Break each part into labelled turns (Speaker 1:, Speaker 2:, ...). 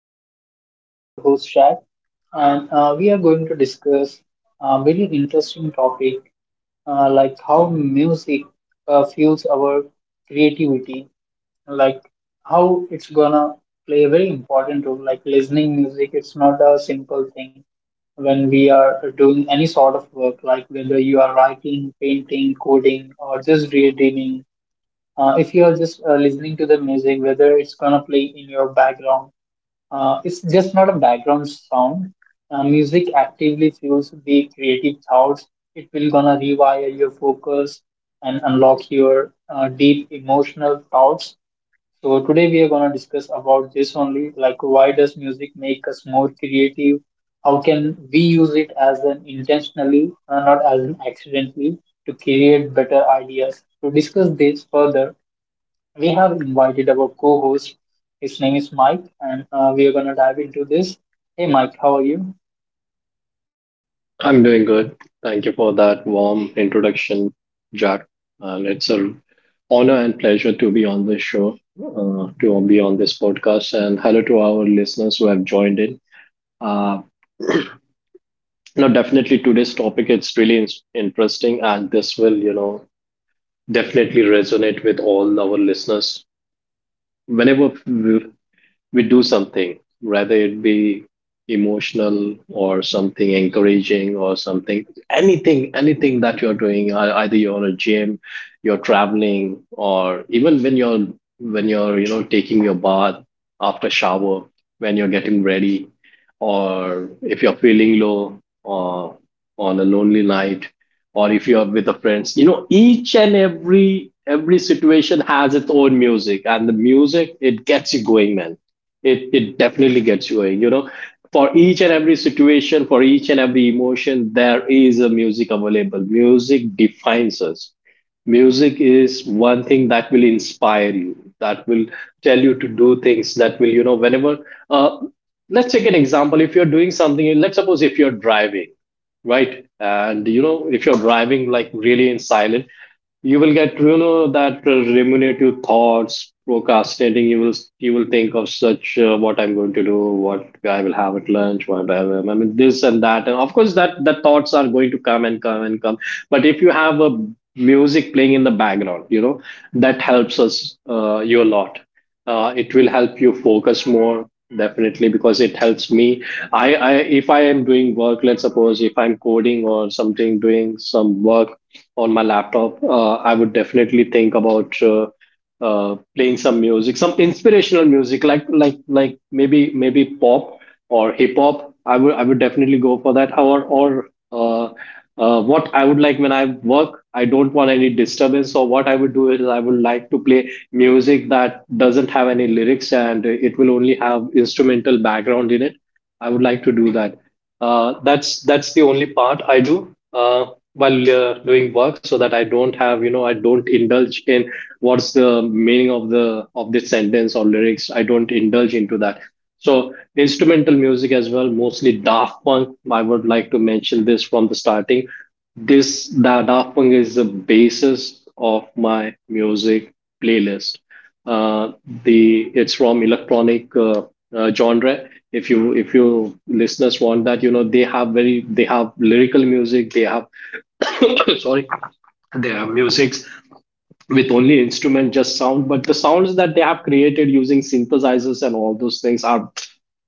Speaker 1: episode. I'm your host Shad, and we are going to discuss a very interesting topic like how music fuels our creativity, like how it's gonna play a very important role. Like listening music, it's not a simple thing when we are doing any sort of work, like whether you are writing, painting, coding, or just daydreaming. If you are just listening to the music, whether it's gonna play in your background, it's just not a background sound. Music actively fuels the creative thoughts. It will gonna rewire your focus and unlock your deep emotional thoughts. So today we are gonna discuss about this only, like why does music make us more creative? How can we use it as an intentionally, not as an accidentally, to create better ideas? To discuss this further, we have invited our co-host. His name is Mike, and we are gonna dive into this. Hey, Mike, how are you?
Speaker 2: I'm doing good. Thank you for that warm introduction, Jack. And it's an honor and pleasure to be on this show, to be on this podcast. And hello to our listeners who have joined in. Uh, no, definitely today's topic it's really interesting, and this will definitely resonate with all our listeners. Whenever we do something, whether it be emotional or something encouraging or something, anything that you're doing, either you're on a gym, you're traveling, or even when you're taking your bath after shower, when you're getting ready, or if you're feeling low or on a lonely night, or if you're with the friends, you know, each and every situation has its own music, and the music it gets you going, man, it definitely gets you going, you know, for each and every situation, for each and every emotion there is a music available. Music defines us. Music is one thing that will inspire you, that will tell you to do things, that will, you know, whenever uh, let's take an example. If you're doing something, let's suppose if you're driving, right? And you know, if you're driving like really in silent, you will get, you know, that ruminative thoughts procrastinating. You will you will think of such what I'm going to do, what I will have at lunch, what I will, I mean, this and that. And of course that the thoughts are going to come and come and come. But if you have a music playing in the background, you know, that helps us you a lot. It will help you focus more, definitely, because it helps me. I If I am doing work, let's suppose if I'm coding or something, doing some work on my laptop, I would definitely think about playing some music, some inspirational music, like maybe pop or hip hop. I would definitely go for that. Or What I would like when I work, I don't want any disturbance. So what I would do is I would like to play music that doesn't have any lyrics and it will only have instrumental background in it. I would like to do that. That's the only part I do. While doing work, so that I don't have, you know, I don't indulge in what's the meaning of the of this sentence or lyrics. I don't indulge into that. So instrumental music as well, mostly Daft Punk. I would like to mention this from the starting. This the Daft Punk is the basis of my music playlist. uh, the it's from electronic genre. If you listeners want that, you know, they have very they have lyrical music. They have sorry, their musics with only instrument, just sound. But the sounds that they have created using synthesizers and all those things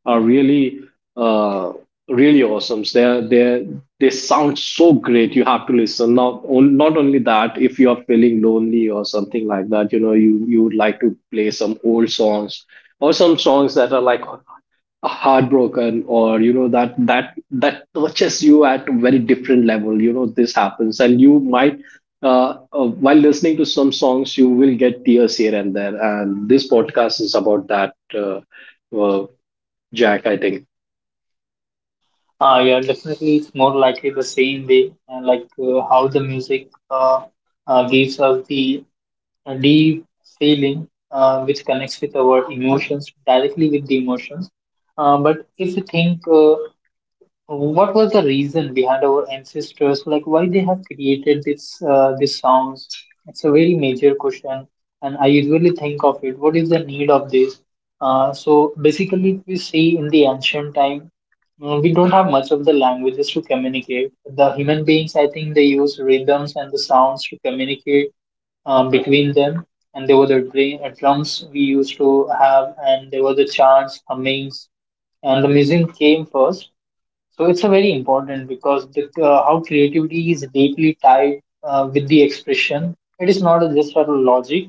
Speaker 2: are really uh really awesome. They sound so great. You have to listen. Not only that, if you are feeling lonely or something like that, you know, you would like to play some old songs, or some songs that are like heartbroken, or you know that touches you at a very different level. You know, this happens, and you might, while listening to some songs, you will get tears here and there. And this podcast is about that. Uh, Jack, I think.
Speaker 1: Yeah, definitely, it's more likely the same way, like how the music gives us the deep feeling, which connects with our emotions directly with the emotions. But if you think what was the reason behind our ancestors, like why they have created this these sounds. It's a very major question, and I usually think of it. What is the need of this? So basically, if we see in the ancient time, we don't have much of the languages to communicate. The human beings, I think, they use rhythms and the sounds to communicate between them. And there were the drums we used to have, and there were the chants, hummings, and the music came first, so it's a very important because the, how creativity is deeply tied with the expression. It is not just for the logic.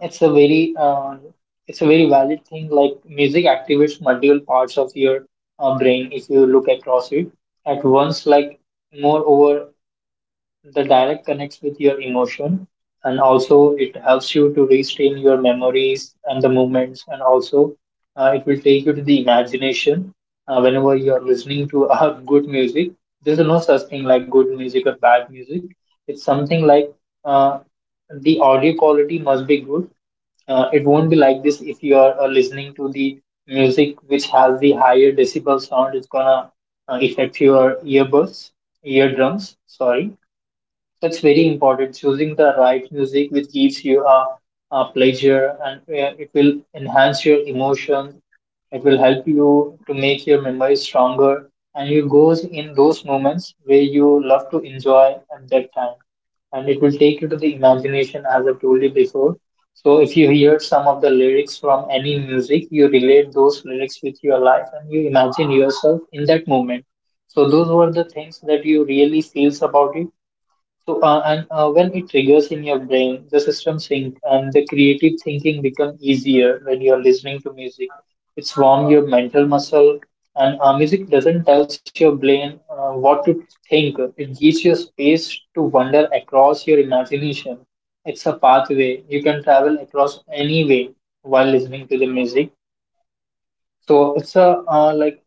Speaker 1: It's a very uh, it's a very valid thing. Like music activates multiple parts of your brain if you look across it at once. Like moreover, the dialect connects with your emotion, and also it helps you to restrain your memories and the movements, and also it will take you to the imagination whenever you are listening to good music. There's no such thing like good music or bad music. It's something like uh, the audio quality must be good. It won't be like this if you are listening to the music which has the higher decibel sound. It's gonna affect your earbuds, eardrums. Sorry, that's very important. Choosing the right music which gives you a pleasure, and it will enhance your emotions. It will help you to make your memories stronger. And you goes in those moments where you love to enjoy at that time, and it will take you to the imagination as I told you before. So if you hear some of the lyrics from any music, you relate those lyrics with your life and you imagine yourself in that moment. So those were the things that you really feels about it, so, and when it triggers in your brain, the system sync and the creative thinking become easier when you are listening to music. It's warm your mental muscle, and music doesn't tells your brain what to think. It gives you space to wander across your imagination. It's a pathway you can travel across any way while listening to the music. So it's a like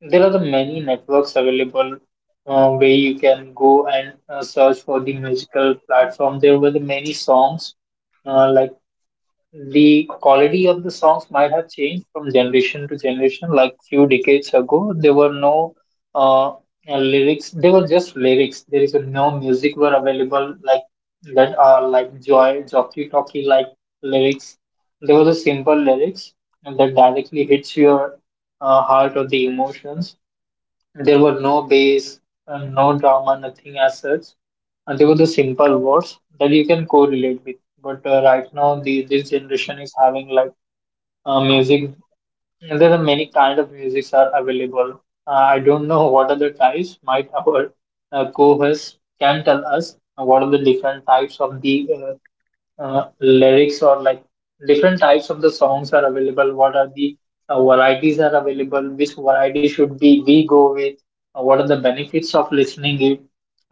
Speaker 1: there are the many networks available where you can go and search for the musical platform. There were the many songs, like the quality of the songs might have changed from generation to generation. Like few decades ago, there were no uh, lyrics; they were just lyrics. There is no music were available like that are like joy, jockey talkie like lyrics. There were the simple lyrics that directly hits your heart or the emotions. There were no bass, no drama, nothing as such. And they were the simple words that you can correlate with. But right now, the, this generation is having like music. There are many kind of musics are available. I don't know what are the types. Might our co-host can tell us what are the different types of the lyrics, or like different types of the songs are available, what are the varieties are available, which variety should be we go with, what are the benefits of listening it,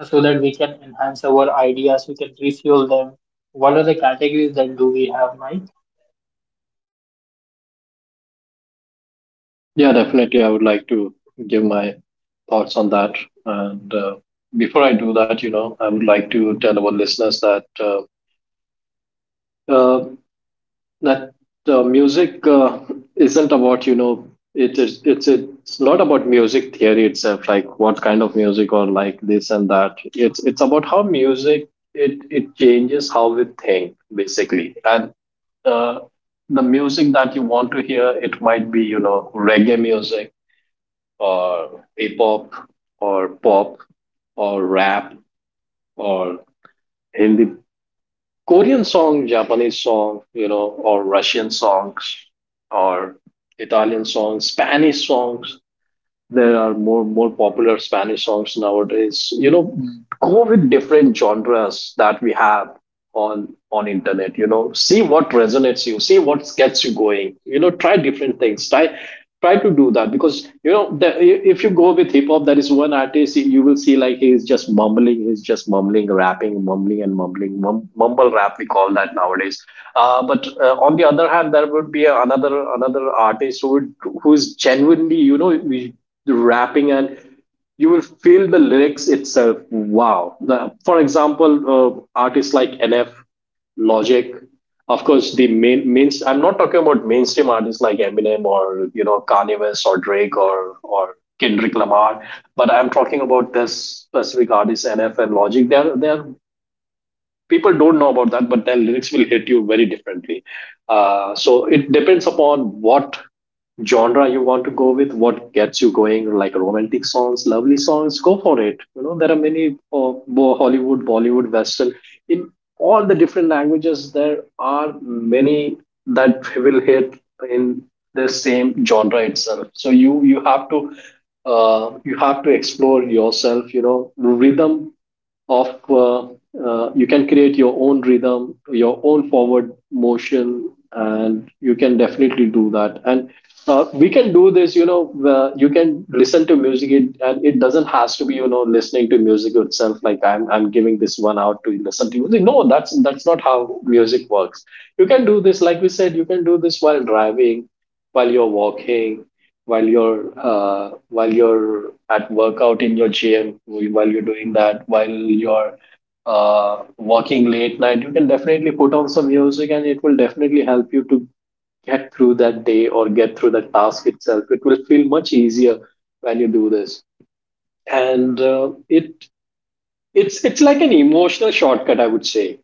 Speaker 1: so that we can enhance our ideas, we can refuel them. What are the categories that do we have, Mike?
Speaker 2: Yeah, definitely, I would like to give my thoughts on that. And before I do that, you know, I would like to tell our listeners that uh, that music isn't about, you know, it's not about music theory itself, like what kind of music or like this and that. It's about how music it changes how we think, basically. And uh, the music that you want to hear, it might be, you know, reggae music, or hip hop, or pop, or rap, or Hindi, Korean song, Japanese song, you know, or Russian songs, or Italian songs, Spanish songs. There are more popular Spanish songs nowadays. You know, go with different genres that we have on internet. You know, see what resonates you, see what gets you going. You know, try different things, try to do that. Because you know, the, if you go with hip hop, there is one artist you will see like he is just mumbling, rapping, mumbling and mumbling, mumble rap we call that nowadays. But On the other hand, there would be another artist who would, who is genuinely, you know, rapping, and you will feel the lyrics itself. Wow. The, for example, artists like NF, Logic, of course, main, I'm not talking about mainstream artists like Eminem or, you know, Kanye West or Drake or, Kendrick Lamar, but I'm talking about this specific artist, NF and Logic. They're, people don't know about that, but their lyrics will hit you very differently. So it depends upon what genre you want to go with, what gets you going, like romantic songs, lovely songs, go for it. You know, there are many Hollywood, Bollywood, Western. In all the different languages, there are many that will hit in the same genre itself. So you have to, you have to explore yourself. You know, rhythm of you can create your own rhythm, your own forward motion, and you can definitely do that. And We can do this, you know, you can listen to music it, and it doesn't has to be, you know, listening to music itself, like I'm giving this one out to listen to music. No, that's not how music works. You can do this, like we said, you can do this while driving, while you're walking, while you're, at workout in your gym, while you're doing that, while you're, working late night, you can definitely put on some music, and it will definitely help you to get through that day or get through the task itself. It will feel much easier when you do this. And it it's like an emotional shortcut, I would say.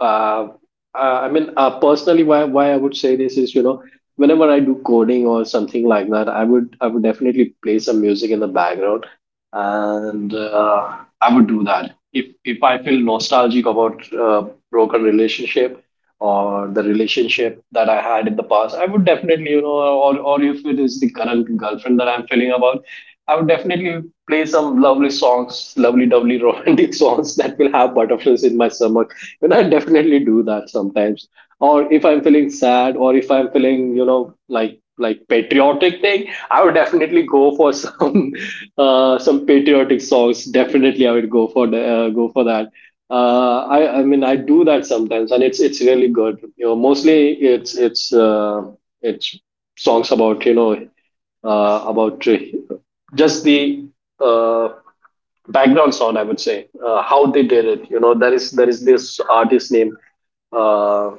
Speaker 2: uh, I mean, personally, why I would say this is, you know, whenever I do coding or something like that, I would definitely play some music in the background. And I would do that. If I feel nostalgic about broken relationship or the relationship that I had in the past, I would definitely, you know, or if it is the current girlfriend that I'm feeling about, I would definitely play some lovely songs, lovely romantic songs that will have butterflies in my stomach, and I definitely do that sometimes. Or if I'm feeling sad, or if I'm feeling, you know, like patriotic thing, I would definitely go for some some patriotic songs. Definitely, I would go for go for that. I mean, I do that sometimes, and it's really good. You know, mostly it's songs about, you know, about just the uh, background sound, I would say. How they did it. You know, there is this artist name uh,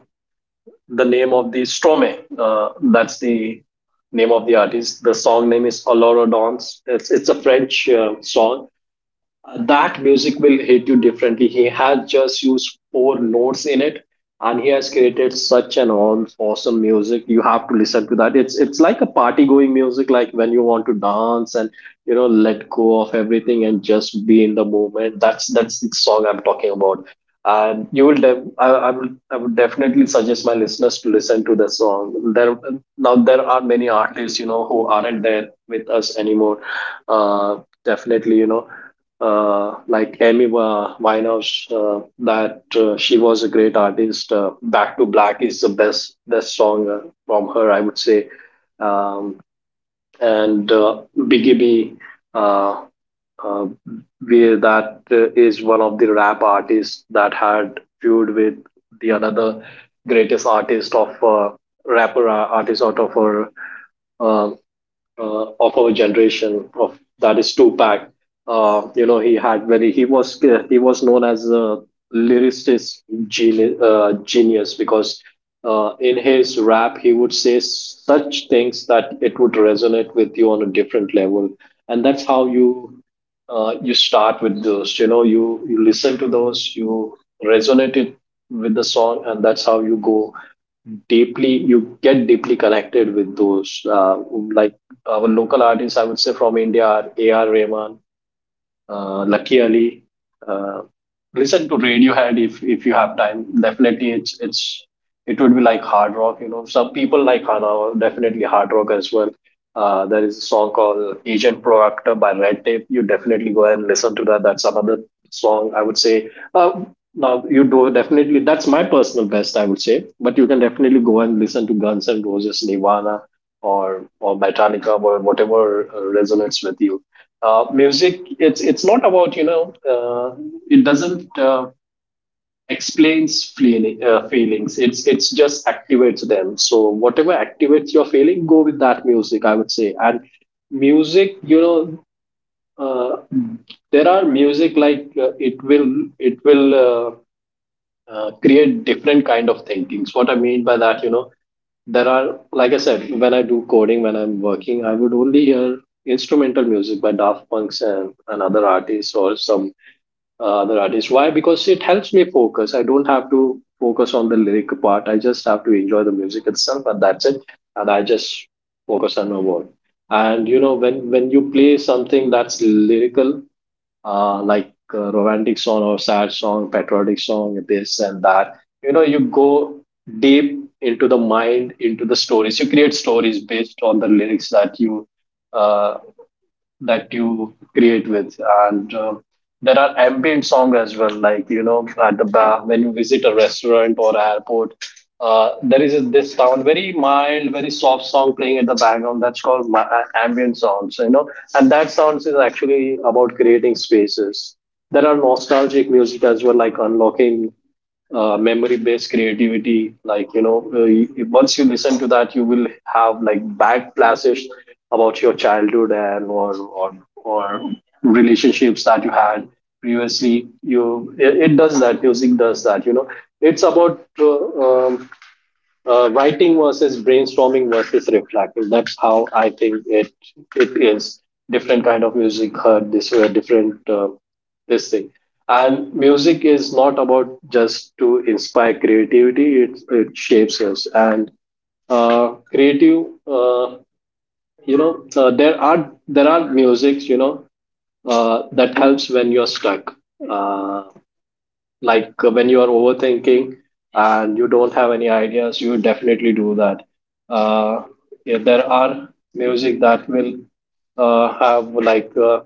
Speaker 2: the name of the Stromae. That's the name of the artist. The song name is Allure Dance. It's a French song. That music will hit you differently. He has just used four notes in it, and he has created such an awesome music. You have to listen to that. It's like a party going music, like when you want to dance and, you know, let go of everything and just be in the moment. That's the song I'm talking about. And you will, I would definitely suggest my listeners to listen to the song. There Now there are many artists, you know, who aren't there with us anymore. Uh, Definitely, you know, like Amy Winehouse, that she was a great artist. Back to Black is the best song from her, I would say. Um, and Biggie B, uh, uh, we, that is one of the rap artists that had feud with the another greatest artist of rapper artist out of her. Uh, of our generation of that is Tupac. He had very he was known as a lyricist genius because in his rap he would say such things that it would resonate with you on a different level, and that's how you you start with those. You know, you listen to those, you resonate it with the song, and that's how you go deeply you get deeply connected with those, like our local artists, I would say, from India are AR Rahman, Lucky Ali. Uh, Listen to Radiohead if you have time. Definitely, it's it would be like hard rock. You know, some people like Hana, definitely hard rock as well. There is a song called Agent Proactor by Red Tape. You definitely go and listen to that. That's another song, I would say. Now you do definitely that's my personal best, I would say, but you can definitely go and listen to Guns and Roses, Nirvana, or Metallica, or whatever resonates with you. Music, it's not about, you know, it doesn't feelings, it's just activates them. So whatever activates your feeling, go with that music, I would say. And music, you know, uh, there are music like it will create different kind of thinkings. What I mean by that, you know, there are, like I said, when I do coding, when I'm working, I would only hear instrumental music by Daft Punks and other artists, or some other artists. Why? Because it helps me focus. I don't have to focus on the lyric part, I just have to enjoy the music itself, and that's it. And I just focus on my work. And you know, when you play something that's lyrical, like a romantic song or sad song, patriotic song, this and that. You know, you go deep into the mind, into the stories. You create stories based on the lyrics uh, that you create with. And there are ambient song as well, like you know, at the bar, when you visit a restaurant or airport, there is a, this sound, very mild, very soft song playing at the background. That's called ambient sounds, you know. And that sounds is actually about creating spaces. There are nostalgic music as well, like unlocking memory based creativity, like you know, once you listen to that, you will have like back flashes about your childhood, and or relationships that you had previously. It does that, music does that, you know. It's about writing versus brainstorming versus reflecting. That's how I think it is. Different kind of music heard this way, different this thing. And music is not about just to inspire creativity; it shapes us. And uh, creative, uh, there are musics, you know, that helps when you're stuck. Uh, when you are overthinking and you don't have any ideas, you definitely do that. uh, yeah, there are music that will have like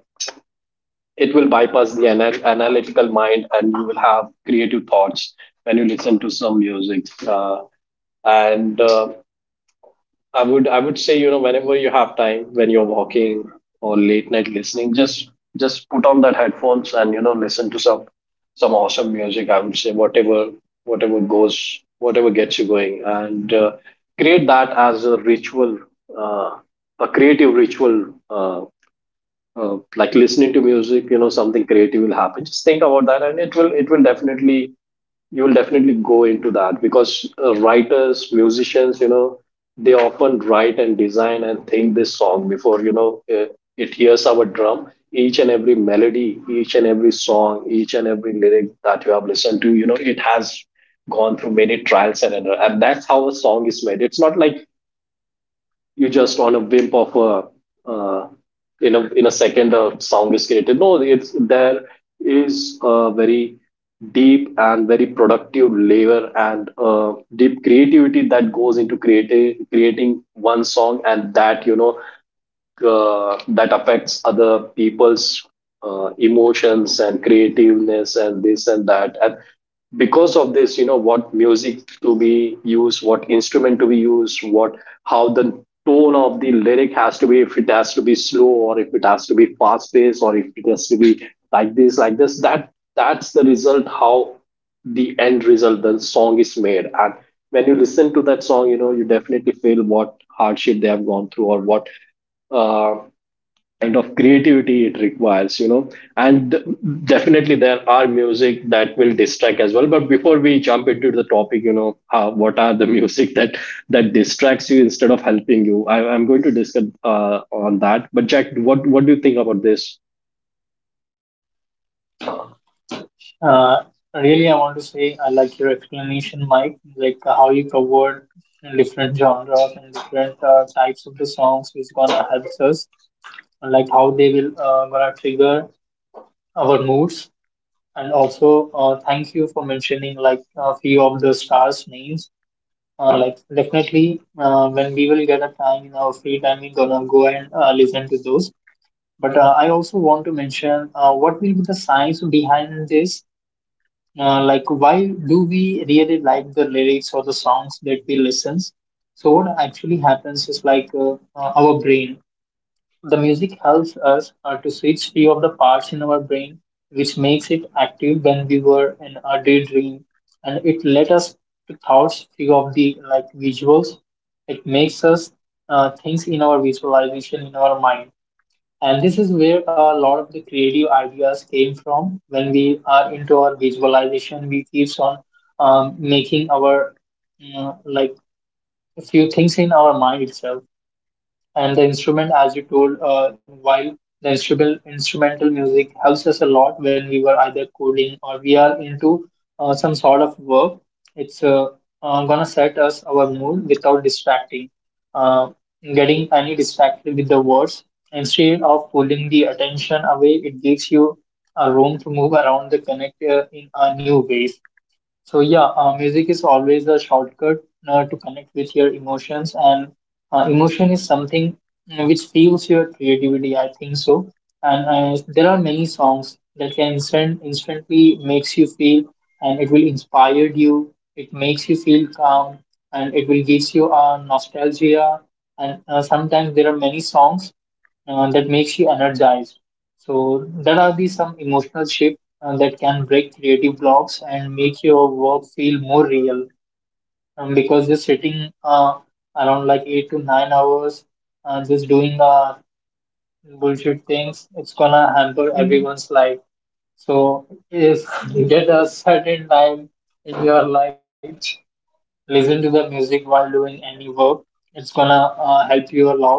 Speaker 2: it will bypass the analytical mind, and you will have creative thoughts when you listen to some music. And I would say, you know, whenever you have time, when you're walking or late night listening, just put on that headphones, and you know, listen to some awesome music. I would say whatever, whatever gets you going, and create that as a ritual, uh, a creative ritual. Like listening to music, you know, something creative will happen. Just think about that, and it will definitely, you will definitely go into that. Because writers, musicians, you know, they often write and design and think this song before, you know, it hears our drum. Each and every melody, each and every song, each and every lyric that you have listened to, you know, it has gone through many trials and error, and that's how a song is made. It's not like you just on a whim of a in a in a second a sound is created. No, it's there is a very deep and very productive labor, and deep creativity that goes into creating one song. And that, you know, that affects other people's emotions and creativeness and this and that. And because of this, you know, what music to be used, what instrument to be used, what, how the tone of the lyric has to be, if it has to be slow or if it has to be fast paced or if it has to be like this, that, that's the result, how the end result the song is made. And when you listen to that song, you know, you definitely feel what hardship they have gone through, or what uh, kind of creativity it requires, you know. And definitely there are music that will distract as well. But before we jump into the topic, you know, what are the music that that distracts you instead of helping you, I'm going to discuss on that. But Jack, what do you think about this?
Speaker 1: uh, Really, I want to say I like your explanation, Mike, like how you covered different genres and different types of the songs which gonna help us, like how they will gonna trigger our moods. And also, thank you for mentioning like a few of the stars' names. Like definitely, when we will get a time in our free time, we're gonna go and listen to those. But I also want to mention what will be the science behind this. Like, why do we really like the lyrics or the songs that we listen? So what actually happens is like our brain. The music helps us to switch few of the parts in our brain, which makes it active when we were in a daydream, and it let us to thoughts few of the like visuals. It makes us things in our visualization in our mind, and this is where a lot of the creative ideas came from. When we are into our visualization, we keeps on making our you like a few things in our mind itself, and the instrument as you told while the instrumental music helps us a lot when we were either coding or we are into some sort of work. It's gonna set us our mood without distracting uh, getting any distracted with the words, instead of pulling the attention away, it gives you a room to move around the connect in a new ways. So yeah, music is always a shortcut to connect with your emotions, and emotion is something which fuels your creativity. I think so, and there are many songs that can instantly makes you feel, and it will inspire you. It makes you feel calm, and it will gives you a nostalgia. And sometimes there are many songs that makes you energized. So there are these some emotional shifts that can break creative blocks and make your work feel more real, because you're sitting around like 8 to 9 hours just doing bullshit things. It's gonna hamper everyone's life. So if you get a certain time in your life, listen to the music while doing any work. It's gonna help you a lot.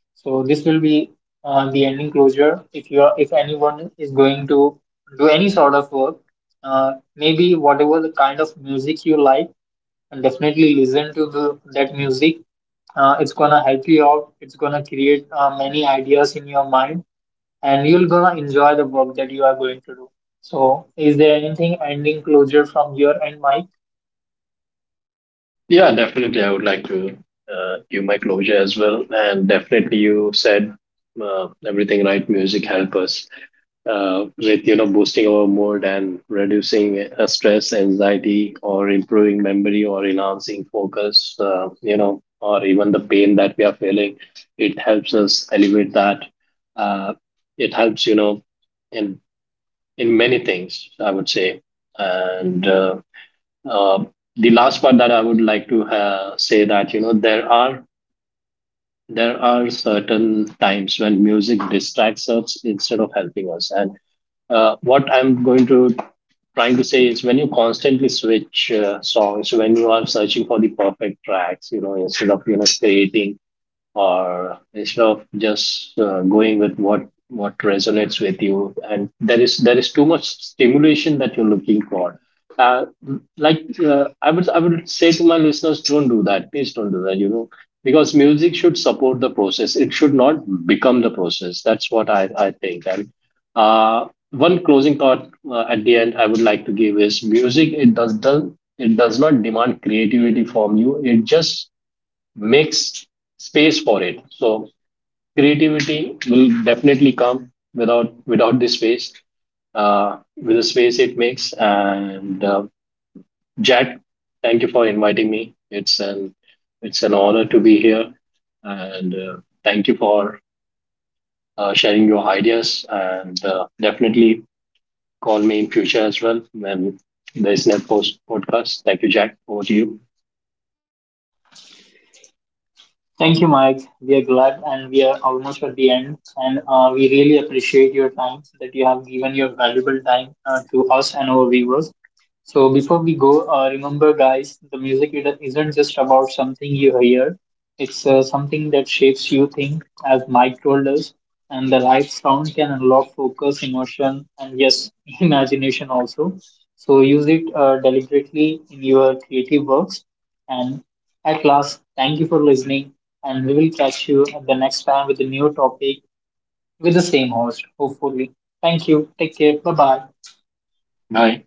Speaker 1: So this will be the ending closure. If you are, if anyone is going to do any sort of work, maybe whatever the kind of music you like, and definitely listen to the, that music. It's gonna help you out. It's gonna create many ideas in your mind, and you're gonna enjoy the work that you are going to do. So, is there anything ending closure from your end, Mike?
Speaker 2: Yeah, definitely. I would like to give my closure as well. And definitely, you said uh, everything right. Music helps us with, you know, boosting our mood and reducing stress, anxiety, or improving memory, or enhancing focus, you know, or even the pain that we are feeling. It helps us elevate that. uh, it helps, you know, in in many things, I would say. And uh, the last part that I would like to say, that you know, there are certain times when music distracts us instead of helping us. And what I'm going to trying to say is when you constantly switch songs, when you are searching for the perfect tracks, you know, instead of, you know, creating, or instead of just going with what resonates with you, and there is too much stimulation that you're looking for. uh, I would say to my listeners, don't do that, please don't do that, you know. Because music should support the process, it should not become the process. That's what I think. And one closing thought at the end I would like to give is, music it does it does not demand creativity from you, it just makes space for it. So creativity will definitely come without, with the space it makes. And Jack, thank you for inviting me. It's an honor to be here, and thank you for sharing your ideas. And definitely call me in future as well when there is next post podcast. Thank you, Jack. Over to you.
Speaker 1: Thank you, Mike. We are glad, and we are almost at the end. And we really appreciate your time that you have given your valuable time to us and our viewers. So, before we go, remember, guys, the music, it isn't just about something you hear, it's something that shapes you think, as Mike told us. And the right sound can unlock focus, emotion, and yes, imagination also. So, use it deliberately in your creative works. And at last, thank you for listening, and we will catch you at the next time with a new topic with the same host, hopefully. Thank you. Take care. Bye bye.
Speaker 2: Bye.